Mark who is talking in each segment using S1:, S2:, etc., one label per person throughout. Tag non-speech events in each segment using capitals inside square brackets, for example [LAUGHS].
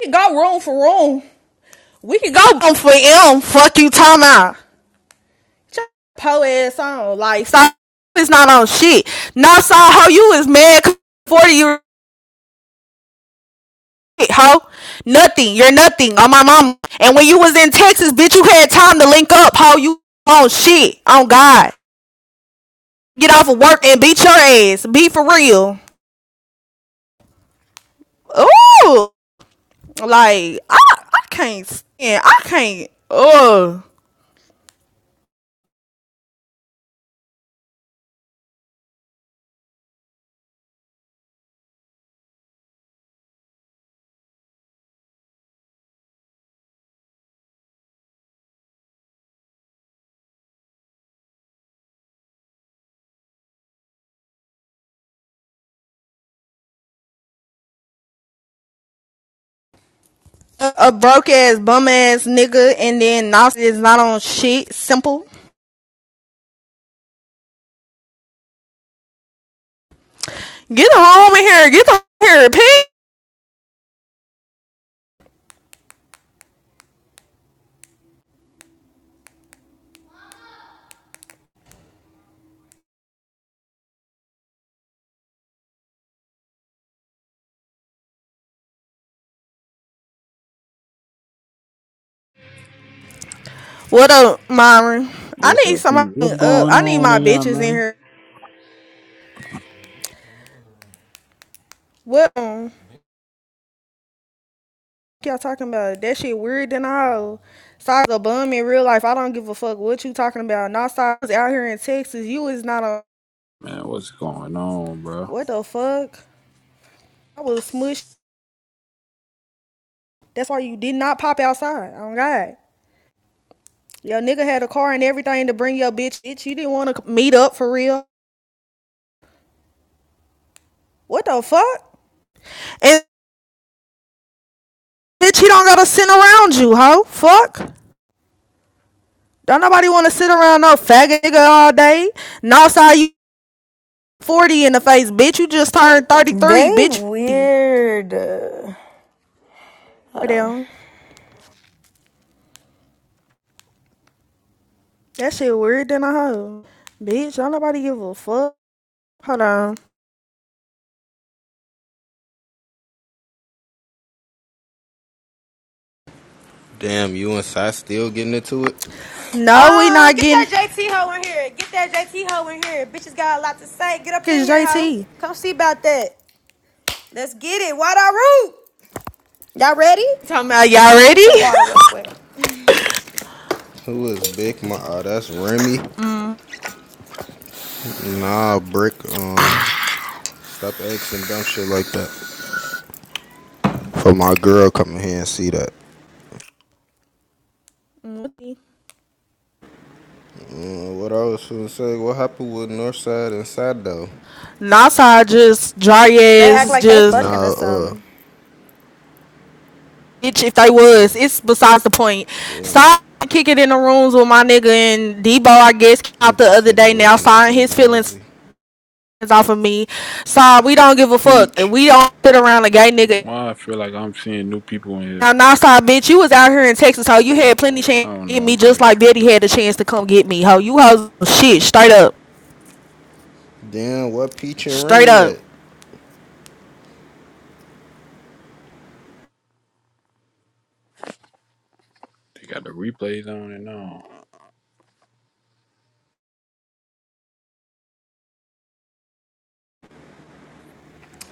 S1: could go room for room. We could go i for M. Fuck you talking about. po ass on. Like, So it's not on shit. Not so how you is mad? 40 year old, ho. Nothing. You're nothing on my mama. And when you was in Texas, bitch, you had time to link up, ho. You on shit. On God. Get off of work and beat your ass. Be for real. Ooh. Like, I I can't stand. I can't. Ugh. a, a broke ass bum ass nigga, and then Nasty is not on shit. Simple. Get the home in here. Get the home in here, P. What up, Myron? I
S2: What's
S1: need
S2: up,
S1: somebody
S2: people? What's
S1: up.
S2: going
S1: I need
S2: on
S1: my
S2: in there,
S1: bitches in
S2: man?
S1: here. What um, y'all talking about? That shit weird than I hoe. Size a bum in real life. I don't give a fuck what you talking about. Not size out here in Texas. You is not a
S2: Man, what's going on, bro?
S1: what the fuck? I was smushed. That's why you did not pop outside. Oh God. Your nigga had a car and everything to bring your bitch. Bitch, you didn't want to meet up for real. What the fuck? And bitch, he don't gotta sit around you, hoe. Fuck. Don't nobody wanna sit around no faggot nigga all day. No, saw you 40 in the face, bitch. You just turned 33,
S3: They
S1: bitch. 50.
S3: weird. Uh, Hold on.
S1: Down. That shit weird than a hoe. Bitch, don't nobody give a fuck. Hold on.
S4: Damn, you and Sai still getting into it?
S1: No, we
S3: Um,
S1: not
S3: get
S1: getting
S3: that JT hoe in here. Get that JT hoe in here. Bitches got a lot to say. Get up in
S1: fucking
S3: here, hoe.
S1: JT. You
S3: Come see about that. Let's get it. Why I root? Y'all ready?
S1: talking about y'all ready?
S3: They
S4: Who is Big Ma? Oh, that's Remy.
S1: [LAUGHS] mm.
S4: Nah, Brick. Um, stop asking dumb shit like that. For my girl coming here and see that. Uh, what I was gonna say, what happened with Northside and Side though?
S1: Nasa just dry
S3: act
S1: ass,
S3: like they
S1: just
S3: fucking or
S4: Nah, uh,
S3: something.
S1: bitch if they was. It's besides the point.
S4: damn.
S1: Stop kicking in the rooms with my nigga and Debo, I guess, came
S4: I'm
S1: out the
S4: just
S1: other
S4: here to
S1: day now,
S4: listen and
S1: sign
S4: be
S1: his feelings
S4: nosy.
S1: off of me. So we don't give a fuck. And
S4: Peach.
S1: we don't sit around a gay nigga.
S2: Why I feel like I'm seeing new people in here?
S1: Now, now, stop, bitch. You was out here in Texas, ho. You had plenty chance
S2: I don't
S1: to get
S2: know.
S1: me
S2: I'm
S1: just
S2: probably
S1: like Betty
S2: tripping.
S1: had a chance to come get me, ho. You hoes shit, straight up.
S4: Damn, what Peach and
S1: Straight
S4: Remy
S1: up.
S4: at?
S2: They got the replays on and on.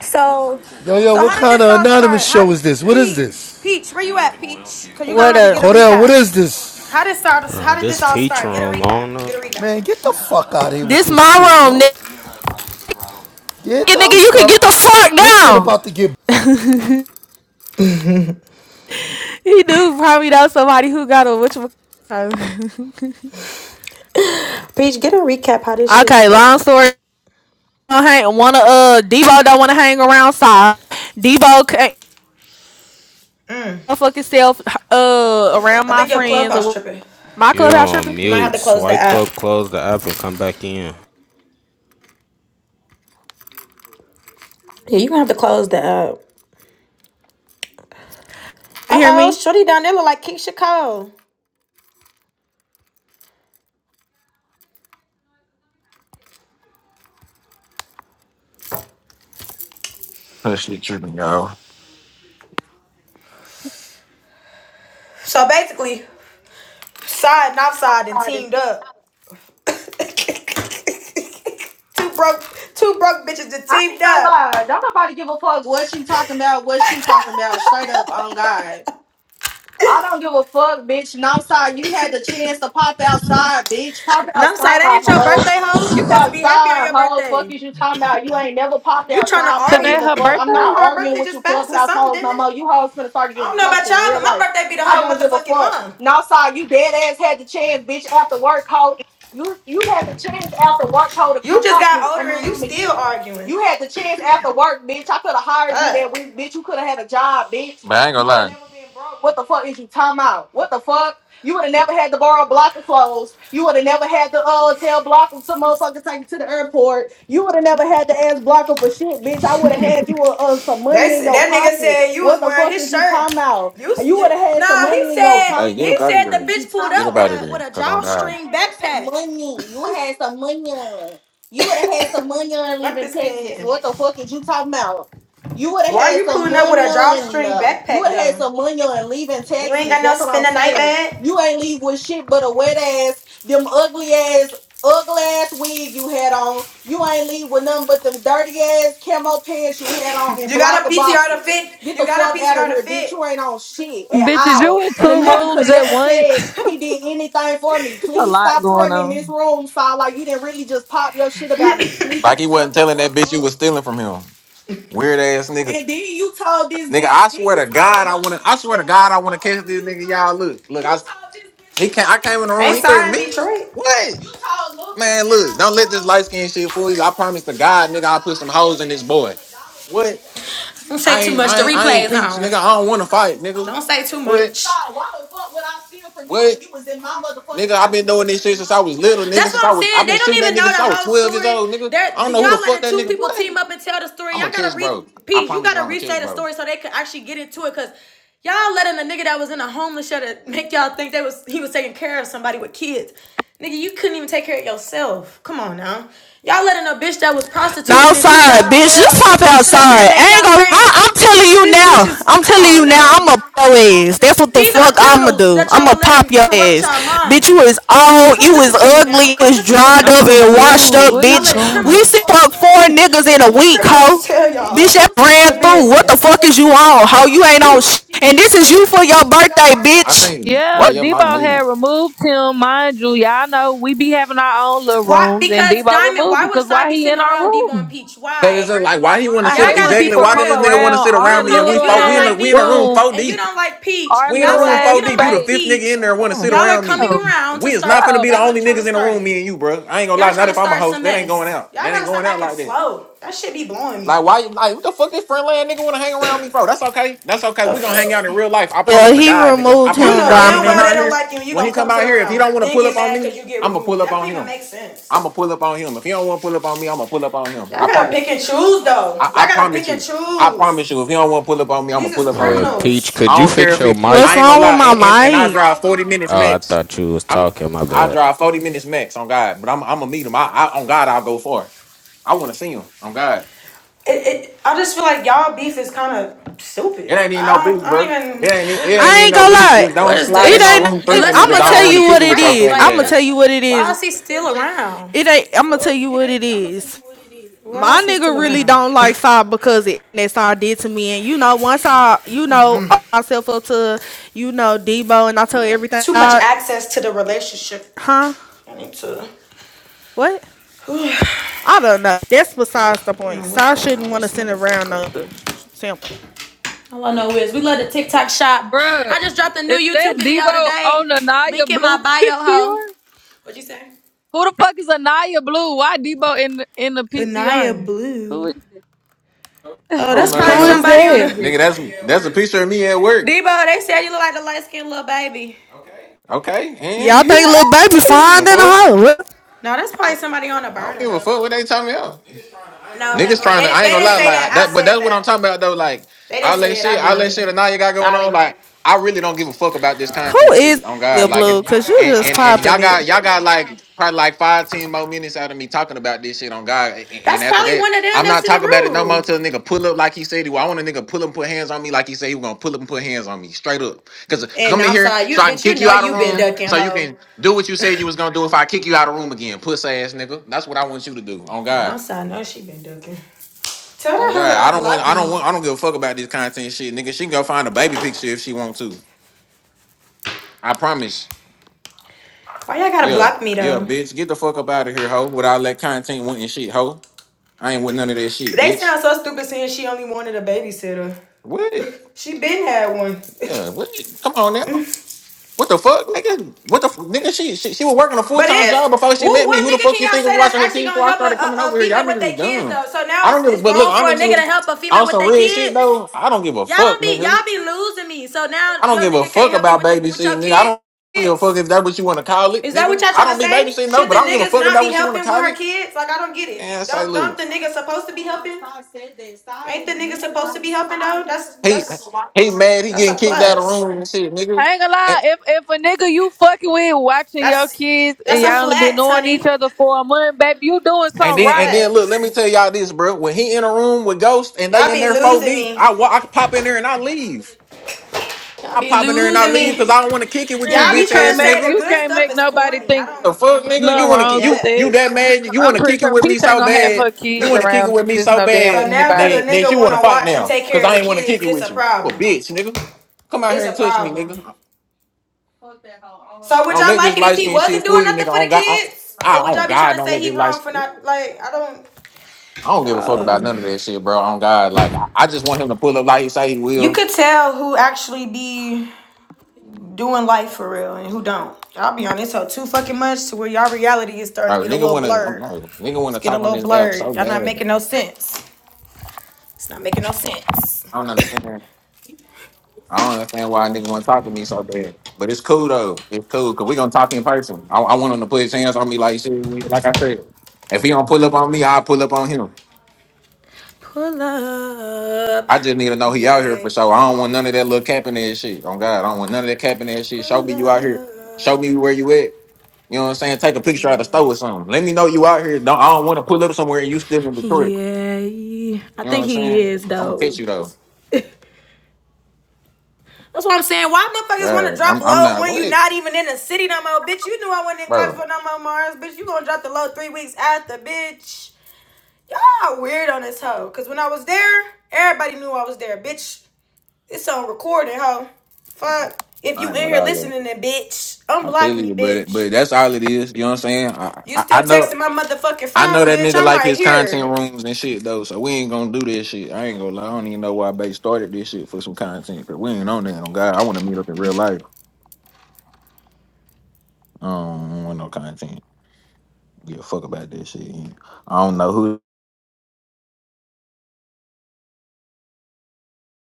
S3: So,
S5: Yo, yo,
S3: so
S5: what
S3: how did
S5: kind
S3: this
S5: of
S3: all
S5: anonymous
S3: start? How
S5: show is this? What is
S3: Peach,
S5: this?
S3: Peach, where you at, Peach? Cause you gonna
S1: What
S3: have to get a
S1: up?
S5: Cordell, what
S3: recap.
S5: is this?
S3: How did start?
S4: Uh,
S3: How did
S4: this
S3: this all
S4: Peach
S3: start? Get a
S4: room, I don't
S3: recap.
S4: know.
S3: Get a
S5: Man,
S3: recap.
S5: get the fuck out of here with
S1: This
S5: this shit,
S1: my room, nigga.
S5: bro. Get the
S1: Nigga, you can get the fuck
S5: fuck. This shit about to get
S1: down. [LAUGHS] He do probably know somebody who got a which [LAUGHS] Okay,
S3: Peach, get a recap. How this shit start?
S1: long story. don't Hang, wanna uh Debo don't wanna hang around Sai. Debo can't fucking self uh around
S3: I
S1: my
S3: think your
S1: friends
S3: clubhouse
S1: or wh-
S3: tripping.
S1: my
S4: You're
S1: clubhouse
S4: on
S1: tripping.
S3: You might have
S4: mute.
S3: to close the
S4: Swipe
S3: app.
S4: up, close the app, and come back in.
S3: Yeah, you gonna have to close that up.
S1: You
S3: Uh
S1: hear
S3: oh,
S1: me?
S3: Shorty down there look like Keisha Cole.
S6: Especially tripping, y'all.
S3: So basically, side and offside and
S6: I
S3: teamed up. [LAUGHS] two broke, two broke bitches that teamed
S6: ain't gonna
S3: up.
S6: lie. Don't nobody give a fuck what you talking about, what she talking about. Straight up on God. I don't give a fuck, bitch. No, sorry. You had the chance to pop outside, bitch. Pop
S3: And I'm sorry,
S6: outside,
S3: that ain't it your
S6: hoe.
S3: birthday, hoe. You supposed to be
S6: popped
S3: happy on
S6: outside,
S3: your
S6: hoe.
S3: birthday.
S6: Fuck is you talking about? You ain't never popped
S3: You trying to
S6: outside. I don't
S3: argue?
S6: give
S7: Today
S6: a
S7: her
S6: fuck.
S3: [COUGHS]
S6: I'm
S3: [CLEARS THROAT]
S6: not
S7: birthday?
S3: no, her
S6: arguing
S3: birthday
S6: with you
S3: just passed or
S6: clubhouse
S3: something,
S6: hoes
S3: didn't
S6: no more.
S3: it?
S6: You hoes finna start
S3: I don't
S6: getting
S3: know
S6: popped
S3: about
S6: in
S3: y'all,
S6: real
S3: but my
S6: life.
S3: birthday be the
S6: I
S3: whole
S6: don't give a
S3: motherfucking
S6: fuck.
S3: month.
S6: No, sorry, you dead ass had the chance, bitch, after work, hoe. You you had the chance after work, hoe, to
S3: You
S6: come
S3: just
S6: pop me.
S3: got
S6: I
S3: older
S6: know
S3: and you
S6: mama you
S3: still
S6: did.
S3: arguing.
S6: You had the chance after work, bitch. I could have hired you that
S3: Fuck.
S6: week, bitch. You could have had a job, bitch. But I ain't gonna would lie. never been broke. What the fuck is you talking about? What the fuck? You would have never had to borrow a block of clothes. You would have never had to uh, tell Blocker to motherfucker take you to the airport. You would have never had to ask Blocker for shit, bitch. I would have had you uh, uh, some
S3: They
S6: money in
S3: said
S6: your
S3: that nigga
S6: pocket.
S3: said you was
S6: What the
S3: wearing
S6: fuck
S3: his
S6: is you
S3: shirt.
S6: talking about?
S3: You,
S6: You
S3: you
S6: would have had some
S3: nah, he
S6: money in your Hey,
S3: said
S6: pocket. Hey, get
S3: he
S6: up What out of
S3: said
S6: there. What the fuck there.
S3: the
S6: is you
S3: bitch pulled
S6: talking Get up
S3: up
S6: about?
S3: with
S6: out about?
S3: a
S6: of there.
S3: with a
S6: Cause I'm You would God.
S3: drawstring
S6: have had some
S3: backpack.
S6: money. You had some money. You would have had some
S3: [COUGHS]
S6: money on
S3: Fuck
S6: leaving
S3: this pen
S6: Texas.
S3: here.
S6: What the fuck is you talking about? You would have
S3: Why are
S6: had
S3: you
S6: some
S3: pulling up with
S6: money
S3: a
S6: on.
S3: drawstring
S6: Uh, You
S3: backpack
S6: would have had
S3: though?
S6: some money on leaving
S3: You ain't
S6: Texas.
S3: got no
S6: That's what
S3: spin
S6: I'm
S3: a night
S6: saying.
S3: bag.
S6: You ain't leave with shit but a wet ass, them ugly ass, ugly ass wig you had on. You ain't leave with nothing but them dirty ass camo pants you had on and
S3: You got
S6: block
S3: a
S6: of
S3: PTR to
S6: boxes.
S3: fit.
S6: Get
S3: You
S6: the
S3: got a
S6: fuck out of
S3: PTR to
S6: here, bitch.
S3: fit.
S6: You ain't on shit at
S7: Bitch, is you
S6: all.
S7: in
S6: And a
S7: two
S6: nigga could
S7: rooms at
S6: never
S3: [LAUGHS]
S6: say
S7: once?
S6: he did anything for me.
S7: It's a
S6: Please
S7: lot
S6: stop
S7: going
S6: fronting in this
S7: on.
S6: room, Saw. Like you didn't really just pop your shit about me, Like he please. wasn't telling that bitch you was stealing from him. Weird ass nigga. And then you told this Nigga, I then swear to God, I wanna. I swear to God, I wanna catch this nigga. Y'all look, look. I he can't. I came in the room.
S3: they
S6: He threatened
S3: saw
S6: me.
S3: in Detroit.
S6: What? Man, look. Don't let this light skin shit fool you. I promise to God, nigga, I'll put some hoes in this boy. What?
S3: Don't say
S6: I
S3: too
S6: ain't.
S3: much. The
S6: I ain't. I
S3: replay
S6: ain't
S3: is
S6: peach,
S3: on.
S6: nigga. I don't want to fight, nigga.
S3: Don't say too
S6: What?
S3: much.
S6: why the fuck would I steal from you What? you was in my Nigga, I've been doing this shit since I was little, nigga.
S3: That's what
S6: Since I
S3: I'm
S6: was, I've
S3: saying. They
S6: been
S3: don't
S6: shooting that
S3: even
S6: nigga
S3: know
S6: since I
S3: the
S6: was
S3: whole
S6: twelve years
S3: story.
S6: old, nigga. I
S3: They're,
S6: don't know who the
S3: y'all
S6: fuck
S3: letting
S6: that
S3: two
S6: nigga.
S3: people
S6: Boy,
S3: team up and tell the story.
S6: I'm a
S3: Y'all gotta
S6: kiss,
S3: repeat.
S6: bro. I
S3: You
S6: promise you,
S3: gotta
S6: I'm a kiss,
S3: restate the
S6: bro.
S3: story so they can actually get into it. Cause y'all letting a nigga that was in a homeless shelter make y'all think they was he was taking care of somebody with kids. Nigga, you couldn't even take care of yourself. Come on now. Y'all letting a bitch that was prostituting in
S1: outside,
S6: Outside,
S1: bitch.
S6: bitch.
S1: Just
S3: 2012
S1: pop
S3: sit up here
S1: outside.
S3: and make
S1: I ain't
S3: y'all
S1: gonna.
S6: Come on.
S3: think
S1: I, I'm
S6: I-
S1: telling you
S6: I'm
S3: this
S6: taking
S3: bitch
S1: now.
S6: you
S3: is.
S1: I'm
S6: out.
S3: Come
S6: I'm
S1: telling you
S3: on
S6: taking you
S1: now.
S3: now.
S1: I'm a
S6: out. I'm gonna
S1: pro
S6: pop
S1: ass.
S6: your
S1: That's what the
S3: These are
S6: ass.
S1: fuck I'ma
S3: criminals
S1: do.
S3: that y'all
S1: I'ma
S3: are
S6: I'm
S1: pop
S3: letting
S6: gonna
S1: your
S6: pop your
S3: corrupt
S1: ass,
S3: y'all
S1: bitch. You
S6: ass.
S3: minds.
S1: is
S6: Bitch, you
S1: old.
S3: Come
S1: You is
S3: listen to me now.
S1: ugly. You
S3: Come
S1: is
S3: listen to
S1: dried
S3: me.
S7: I'm
S1: up and
S3: Come take a
S1: washed
S7: confused.
S1: up,
S3: seat.
S7: What
S3: Y'all
S7: is
S1: bitch.
S3: letting
S7: going on?
S1: We see
S3: criminals,
S6: fuck
S1: fuck
S6: four
S1: four
S6: niggas
S1: niggas
S6: in a
S1: in a
S3: [LAUGHS]
S6: week,
S1: week,
S6: hoe.
S3: criminals
S1: hoe.
S3: tell
S6: Bitch,
S3: y'all
S1: Bitch,
S6: that
S1: that
S6: pussy
S3: the
S1: ran
S6: ran
S1: through.
S6: through.
S1: What the
S6: What the
S3: business.
S1: fuck is
S6: fuck
S1: you
S6: is you
S1: on,
S6: on with,
S1: hoe?
S6: hoe?
S1: You
S6: You
S1: ain't
S6: ain't
S1: on.
S6: on with
S1: Sh- and
S6: shit.
S1: this is
S6: And
S1: you
S6: this
S1: for
S6: is
S1: your
S6: you for your
S1: birthday,
S6: birthday. I
S1: bitch.
S6: think, man,
S7: Yeah,
S1: What?
S6: your mouth
S7: Debo had
S6: muted.
S7: removed him, mind you. Y'all know we be having our own little
S3: Why?
S7: rooms, and
S3: Because
S7: Debo
S3: Diamond,
S7: removed him
S3: why would
S7: because
S3: Cy
S7: why
S3: be
S7: he
S3: sitting
S7: in our
S3: around Debo and
S7: room?
S3: Peach?
S6: Cause it's
S3: Why?
S6: just like, why he want to
S7: I
S6: sit?
S3: Y'all
S7: hate when
S3: gotta be
S6: Exactly.
S7: people
S3: for
S6: Why did
S7: come
S6: this nigga want
S3: real.
S6: to
S7: around
S6: sit
S7: our
S6: around
S3: You
S6: me and
S3: don't.
S6: we
S3: If
S7: little
S3: you
S6: fought?
S3: don't
S6: We in a
S7: ass
S3: like
S6: we in a room
S3: Debo
S6: four
S7: room,
S3: and you
S6: deep.
S3: don't like Peach,
S7: our
S6: We in a
S3: now
S7: little
S6: room
S3: side. If
S7: ass
S6: four
S3: you don't
S6: deep. You the
S3: like
S7: space.
S6: fifth nigga in
S3: Peach,
S6: there want to sit
S3: y'all are
S6: around me.
S3: coming
S7: Oh,
S3: around to
S6: We is not
S3: start.
S6: finna
S7: oh
S6: be the
S3: Y'all are
S6: only
S3: trying to
S6: niggas in the
S3: start
S6: room. Me
S3: it.
S6: and you, bro. I ain't gonna
S3: Y'all
S6: lie. Not
S3: trying to
S6: if I'm a
S3: start
S6: host.
S3: some
S6: That ain't going
S3: mess.
S6: out.
S3: Y'all
S6: That ain't
S3: gotta
S6: going
S3: stop
S6: out
S3: acting
S6: like that.
S3: slow. That shit be blowing me.
S6: Like why? Like what the fuck? This friend land nigga want to hang around me for? That's okay. That's okay.
S3: The
S6: We gonna hang out
S3: fuck?
S6: in real life. I promise
S1: Yeah,
S6: to
S1: he
S6: God, nigga. I
S1: removed
S3: You
S6: promise to
S1: him,
S3: know
S6: God. When he
S3: damn
S6: come
S3: well
S1: Diamond.
S3: they
S6: out
S3: don't
S6: here,
S3: like you and you
S6: when he
S3: gonna come
S6: come out
S3: sit
S6: here, if he
S3: around.
S6: don't want to
S3: Then
S6: pull
S3: get
S6: up on
S3: mad
S6: me,
S3: because you get
S6: I'm gonna pull
S3: removed.
S6: up
S3: That
S6: on
S3: don't even
S6: him.
S3: make sense.
S6: I'm gonna pull up on him. If he don't want to pull up on me, I'm gonna pull up on him.
S3: Y'all
S6: I
S3: gotta
S6: promise.
S3: pick and choose though.
S6: I,
S3: Y'all
S6: I
S3: gotta
S6: promise
S3: pick and
S6: you. I
S3: choose.
S6: promise you. If he don't want to pull up on me, I'm gonna
S3: These
S6: pull
S3: is
S6: up on
S8: Uh,
S6: him.
S8: Peach,
S3: criminals.
S8: could
S6: I
S8: you
S6: don't care if
S8: fix your
S6: he.
S8: mic?
S1: What's
S6: I ain't gonna
S1: wrong with
S6: lie.
S1: my
S6: And and, and I
S1: mic?
S6: drive 40 minutes
S8: Oh, I
S6: max.
S8: thought you was
S6: I'm.
S8: talking. My
S6: I
S8: bad.
S6: drive 40 minutes max on God, but I'm. I'm gonna meet him. I, I on God, I'll go for it. I want to see him on God.
S3: It, it, I just feel like y'all beef is kind of
S6: It
S3: stupid.
S6: ain't even
S3: I
S6: no beef,
S3: don't,
S6: bro.
S3: I don't
S6: It
S3: even,
S6: ain't. It
S3: what, it-
S6: ain't
S1: I
S6: even
S1: ain't
S6: no
S1: gonna
S6: beef. Just
S3: what
S6: don't
S3: is
S1: lie.
S6: slide
S3: the
S6: in
S1: It
S6: no
S3: issue?
S1: ain't.
S6: room threatening
S3: Unless
S6: me
S3: a
S1: I'm
S6: because
S1: gonna
S6: I
S3: nigga
S1: tell
S6: don't want
S3: really
S6: to
S1: you
S3: is
S6: kick
S1: what
S6: it
S1: it
S6: with your
S3: pressed.
S1: is.
S6: faggot
S1: I'm
S3: Like,
S1: gonna
S3: uh,
S1: tell
S6: ass.
S1: you what it is.
S3: why is he
S6: I
S3: still around?
S1: It ain't.
S3: The
S1: I'm
S3: fuck?
S1: gonna tell you what it is.
S3: Why
S1: My
S3: is he still
S1: nigga really
S3: around?
S1: don't like
S3: [LAUGHS]
S1: Sai because it that Sai did to me, and you know, once I, you know, opened myself up to, you know, Debo, and I tell everything,
S3: too much
S1: I,
S3: access to the relationship.
S1: huh?
S3: I need to.
S1: What?
S3: [SIGHS] I
S1: I don't know. That's besides the
S3: don't
S1: point.
S3: know what's
S1: Sai
S3: going
S1: shouldn't
S3: on
S1: want
S3: this
S1: to send around no
S3: motherfucker.
S1: sample.
S3: All I know is we love the TikTok shop.
S7: bruh,
S3: I just dropped a new
S7: is that
S3: YouTube video
S7: Debo on
S3: today.
S7: the Naya
S3: Link in my
S7: blue [LAUGHS]
S3: bio, ho.
S7: PCR?
S3: What'd you say?
S7: Who the fuck is Anaya Blue? Why Debo in the, in the
S3: Anaya
S7: PTR? Who
S3: Blue.
S7: is
S3: Oh,
S6: don't
S3: that's
S6: know that
S3: probably
S1: Who
S6: hoe,
S1: is
S3: somebody
S7: who
S3: on a
S7: is
S1: that?
S6: nigga.
S7: it?
S6: That's that's a picture of me at work.
S3: Debo. They said you look like the light skinned little baby.
S6: Okay,
S3: [LAUGHS]
S6: and
S1: Y'all think little baby
S3: no,
S1: fine
S6: the
S1: than a
S6: fuck.
S1: hoe?
S3: that's probably somebody on a
S6: I don't
S3: burner
S6: give a
S3: though.
S6: fuck what they talking about.
S3: No,
S6: Niggas
S3: Debo,
S6: trying to,
S3: they,
S6: I ain't
S3: they
S6: gonna
S3: didn't
S6: lie,
S3: say
S6: like
S3: that.
S6: that,
S3: I
S6: but
S3: said
S6: that's what I'm
S3: that.
S6: talking about though. Like,
S3: They
S6: all
S3: didn't
S6: that
S3: say it.
S6: shit,
S3: I
S6: all that
S3: did.
S6: shit that now you got going on,
S3: Sorry.
S6: like, I really don't give a fuck about this
S1: Who
S6: content shit.
S1: is
S6: On God,
S1: your
S6: like, and
S1: blue? Cause you just
S6: and and y'all
S1: popping it.
S6: got y'all got like probably like five, ten more minutes out of me talking about this shit on God. And, and
S3: That's
S6: after
S3: probably
S6: that,
S3: one of them
S6: I'm not
S3: that's in the
S6: talking about it no more
S3: room.
S6: till a nigga pull up like he said he will. I want a nigga pull up and put hands on me like he said he was gonna pull up and put hands on me straight up. Cause uh,
S3: And
S6: come in here
S3: outside, you
S6: so I can
S3: bitch, you
S6: kick you
S3: know
S6: out of
S3: you been
S6: room
S3: ducking,
S6: so you
S3: hoe.
S6: can do what you
S3: [LAUGHS]
S6: said you was gonna do if I kick you out of room again, puss ass nigga. That's what I want you to do on God.
S3: outside, know she been ducking. Tell
S6: Oh
S3: that
S6: God,
S3: hoe to
S6: I don't want.
S3: unblock
S6: I don't
S3: me.
S6: want. I don't give a fuck about this content shit, nigga. She can go find a baby picture if she want to. I promise.
S3: Why y'all gotta
S6: Yeah,
S3: block me
S6: yeah,
S3: though?
S6: bitch. Get the fuck up out of here, hoe. With all that content went and shit, hoe. I ain't with none of that shit,
S3: They
S6: bitch.
S3: sound so stupid saying she only wanted a babysitter.
S6: What?
S3: [LAUGHS] She been had one. [LAUGHS]
S6: Yeah, what? Come on now. What the fuck, nigga? What the f- nigga? She, she she was working a full
S3: but
S6: time
S3: if
S6: job before she
S3: who
S6: met me.
S3: what
S6: Who the
S3: nigga
S6: fuck
S3: can
S6: you
S3: y'all
S6: think was
S3: say that's
S6: watching her
S3: actually
S6: TV
S3: gonna
S6: before I
S3: help a,
S6: started coming
S3: a,
S6: over
S3: a
S6: here? Y'all
S3: female with
S6: niggas was
S3: their kids
S6: dumb.
S3: though? So
S6: I
S3: now
S6: don't
S3: it's
S6: give. a
S3: it's
S6: But look,
S3: wrong for a
S6: honestly,
S3: nigga to help a female
S6: on
S3: with
S6: some
S3: their
S6: real shit
S3: kids.
S6: though, I don't give a
S3: Y'all
S6: fuck,
S3: don't be
S6: nigga.
S3: y'all be losing me. So
S6: I
S3: now
S6: don't
S3: your
S6: give a
S3: nigga can't
S6: fuck
S3: help you
S6: about
S3: with the, with
S6: babysitting,
S3: your
S6: nigga. I don't give a
S3: kids.
S6: fuck if that's what you want to call it,
S3: Is that what
S6: nigga.
S3: y'all
S6: I
S3: trying
S6: don't
S3: to
S6: be
S3: say?
S6: babysitting, no,
S3: Should
S6: but
S3: the
S6: I don't give a
S3: niggas
S6: fuck
S3: not
S6: about
S3: be
S6: what you want to
S3: helping with
S6: call
S3: her
S6: it.
S3: kids? Like I don't get it.
S6: And say,
S3: Don't don't
S6: look.
S3: the niggas supposed to be helping? Ain't the niggas supposed to be helping though? That's
S6: He,
S3: that's
S6: he mad, he
S3: that's a
S6: getting kicked out of the
S3: plus.
S6: room and shit, nigga.
S7: I ain't gonna
S6: And,
S7: lie. If if a nigga you fucking with watching your
S3: That's
S7: kids and
S3: that's a
S7: y'all only been
S3: flex,
S7: knowing each
S3: honey.
S7: other for a month, baby, you doing
S6: and
S3: That's a
S7: something
S6: then, and
S7: right.
S6: then, look, let me
S3: flex.
S6: tell y'all this, bro. When he in a room with Ghost and they
S3: Y'all
S6: in
S3: be
S6: there 4
S3: losing
S6: deep,
S3: me.
S6: I, wa- I can pop in there and I leave.
S3: Y'all
S6: I
S3: be
S6: pop in there and I
S3: losing
S6: leave because
S3: me.
S6: I don't want to kick it with you,
S7: And
S3: Y'all be
S7: you
S6: bitch
S3: trying
S7: can't
S6: ass
S3: to say
S7: make
S3: the
S6: nigga.
S7: you
S3: good
S7: can't
S3: stuff
S7: make
S3: is
S7: nobody
S3: corny. I
S7: think
S3: don't
S6: The fuck, nigga,
S3: I
S6: you
S7: nothing
S3: don't
S6: wanna
S3: get
S6: ki-
S7: wrong with
S6: you
S3: that.
S6: you
S7: that.
S6: that mad?
S7: Cause
S6: You
S7: I'm
S6: wanna
S7: pretty
S6: kick it
S7: sure
S6: with me
S7: Peach ain't
S6: so
S7: gonna have her
S6: bad? You
S7: kids
S6: wanna kick it
S7: around
S6: with me
S7: just
S6: so
S7: no damn
S3: So
S6: bad
S3: now cause
S7: anybody.
S3: a
S6: that that
S3: nigga
S6: you wanna
S3: wanna
S6: fight
S3: watch and
S6: now?
S3: take
S6: Cause
S3: care of
S6: I
S3: the
S6: ain't wanna kick
S3: kids,
S6: it
S3: it's a
S6: with you. For
S3: problem.
S6: bitch, nigga, come out here
S3: It's
S6: and
S3: a
S6: touch me,
S3: problem.
S6: nigga.
S3: So would
S6: Don't
S3: y'all
S6: let
S3: like
S6: this
S3: it if
S6: light
S3: he
S6: skin shit
S3: wasn't
S6: fool
S3: doing
S6: you,
S3: nothing
S6: nigga.
S3: for the
S6: On God, on,
S3: kids?
S6: I
S3: Or would
S6: on
S3: y'all be
S6: God,
S3: trying to
S6: don't
S3: say
S6: let this
S3: he wrong
S6: light.
S3: for not like I don't
S6: I don't give a fuck about
S3: um,
S6: none of that shit, bro. On God, like I, I just want him to pull up like he say he
S3: you
S6: will,
S3: could tell who actually be doing life for real and who don't. I'll be on this hoe too fucking much to where y'all reality is starting to
S6: bro.
S3: get a
S6: Nigga
S3: little
S6: wanna, I'm,
S3: blurred.
S6: bro, nigga
S3: It's
S6: wanna
S3: getting
S6: talk
S3: a
S6: on
S3: little
S6: this app so
S3: blurred. Y'all not
S6: bad.
S3: making no sense. It's not making no sense.
S6: I don't understand. I don't understand why a nigga want to talk to me so bad. But it's cool though. It's cool because we're gonna talk in person. I, I want him to put his hands on me like shit. we- Like I said, if he don't pull up on me, I'll pull up on him.
S3: Pull up.
S6: I just need to know he out here
S3: Yeah,
S6: for sure. I don't
S3: yeah.
S6: want none of that little capping ass shit. On God, I don't want none of that capping ass shit. Show
S3: Pull
S6: me you out here. Show
S3: up.
S6: me where you at. You know what I'm saying? Take a picture out of the store
S3: Yeah.
S6: or something. Let me know you out here. Don't I don't want to pull up somewhere and you still in Detroit.
S3: Yeah, I
S6: You know what
S3: think
S6: I'm
S3: he
S6: saying?
S3: is
S6: I'm gonna catch
S3: though.
S6: you
S3: [LAUGHS]
S6: though.
S3: That's what I'm saying. Why motherfuckers want to
S6: Right.
S3: drop
S6: I'm I'm
S3: low
S6: not
S3: when you
S6: what,
S3: not even in the city no more, bitch? You knew I wasn't in class
S6: bro.
S3: for no more Mars, bitch. You gonna drop the low three weeks after, bitch? Y'all weird on this hoe. Cause when I was there, everybody knew I was there, bitch. It's on recording, hoe.
S6: Yeah.
S3: Fuck. If
S6: I
S3: you
S6: ain't
S3: in
S6: what
S3: here
S6: I was.
S3: listening, then bitch,
S6: I tell
S3: unblock me,
S6: you, but it-
S3: bitch.
S6: but that's all it is. You know what I'm saying? I,
S3: You
S6: I I
S3: still
S6: know
S3: texting my motherfucking
S6: I know
S3: phone,
S6: that
S3: bitch?
S6: nigga
S3: I'm
S6: like
S3: right
S6: his
S3: here.
S6: content rooms and shit though. So we ain't gonna do this shit. I ain't gonna lie. I don't even know why Bay started this shit for some content. Cause we ain't on that. On God, I want to meet up in real life. I don't want no content. Give a fuck about this shit. I don't know who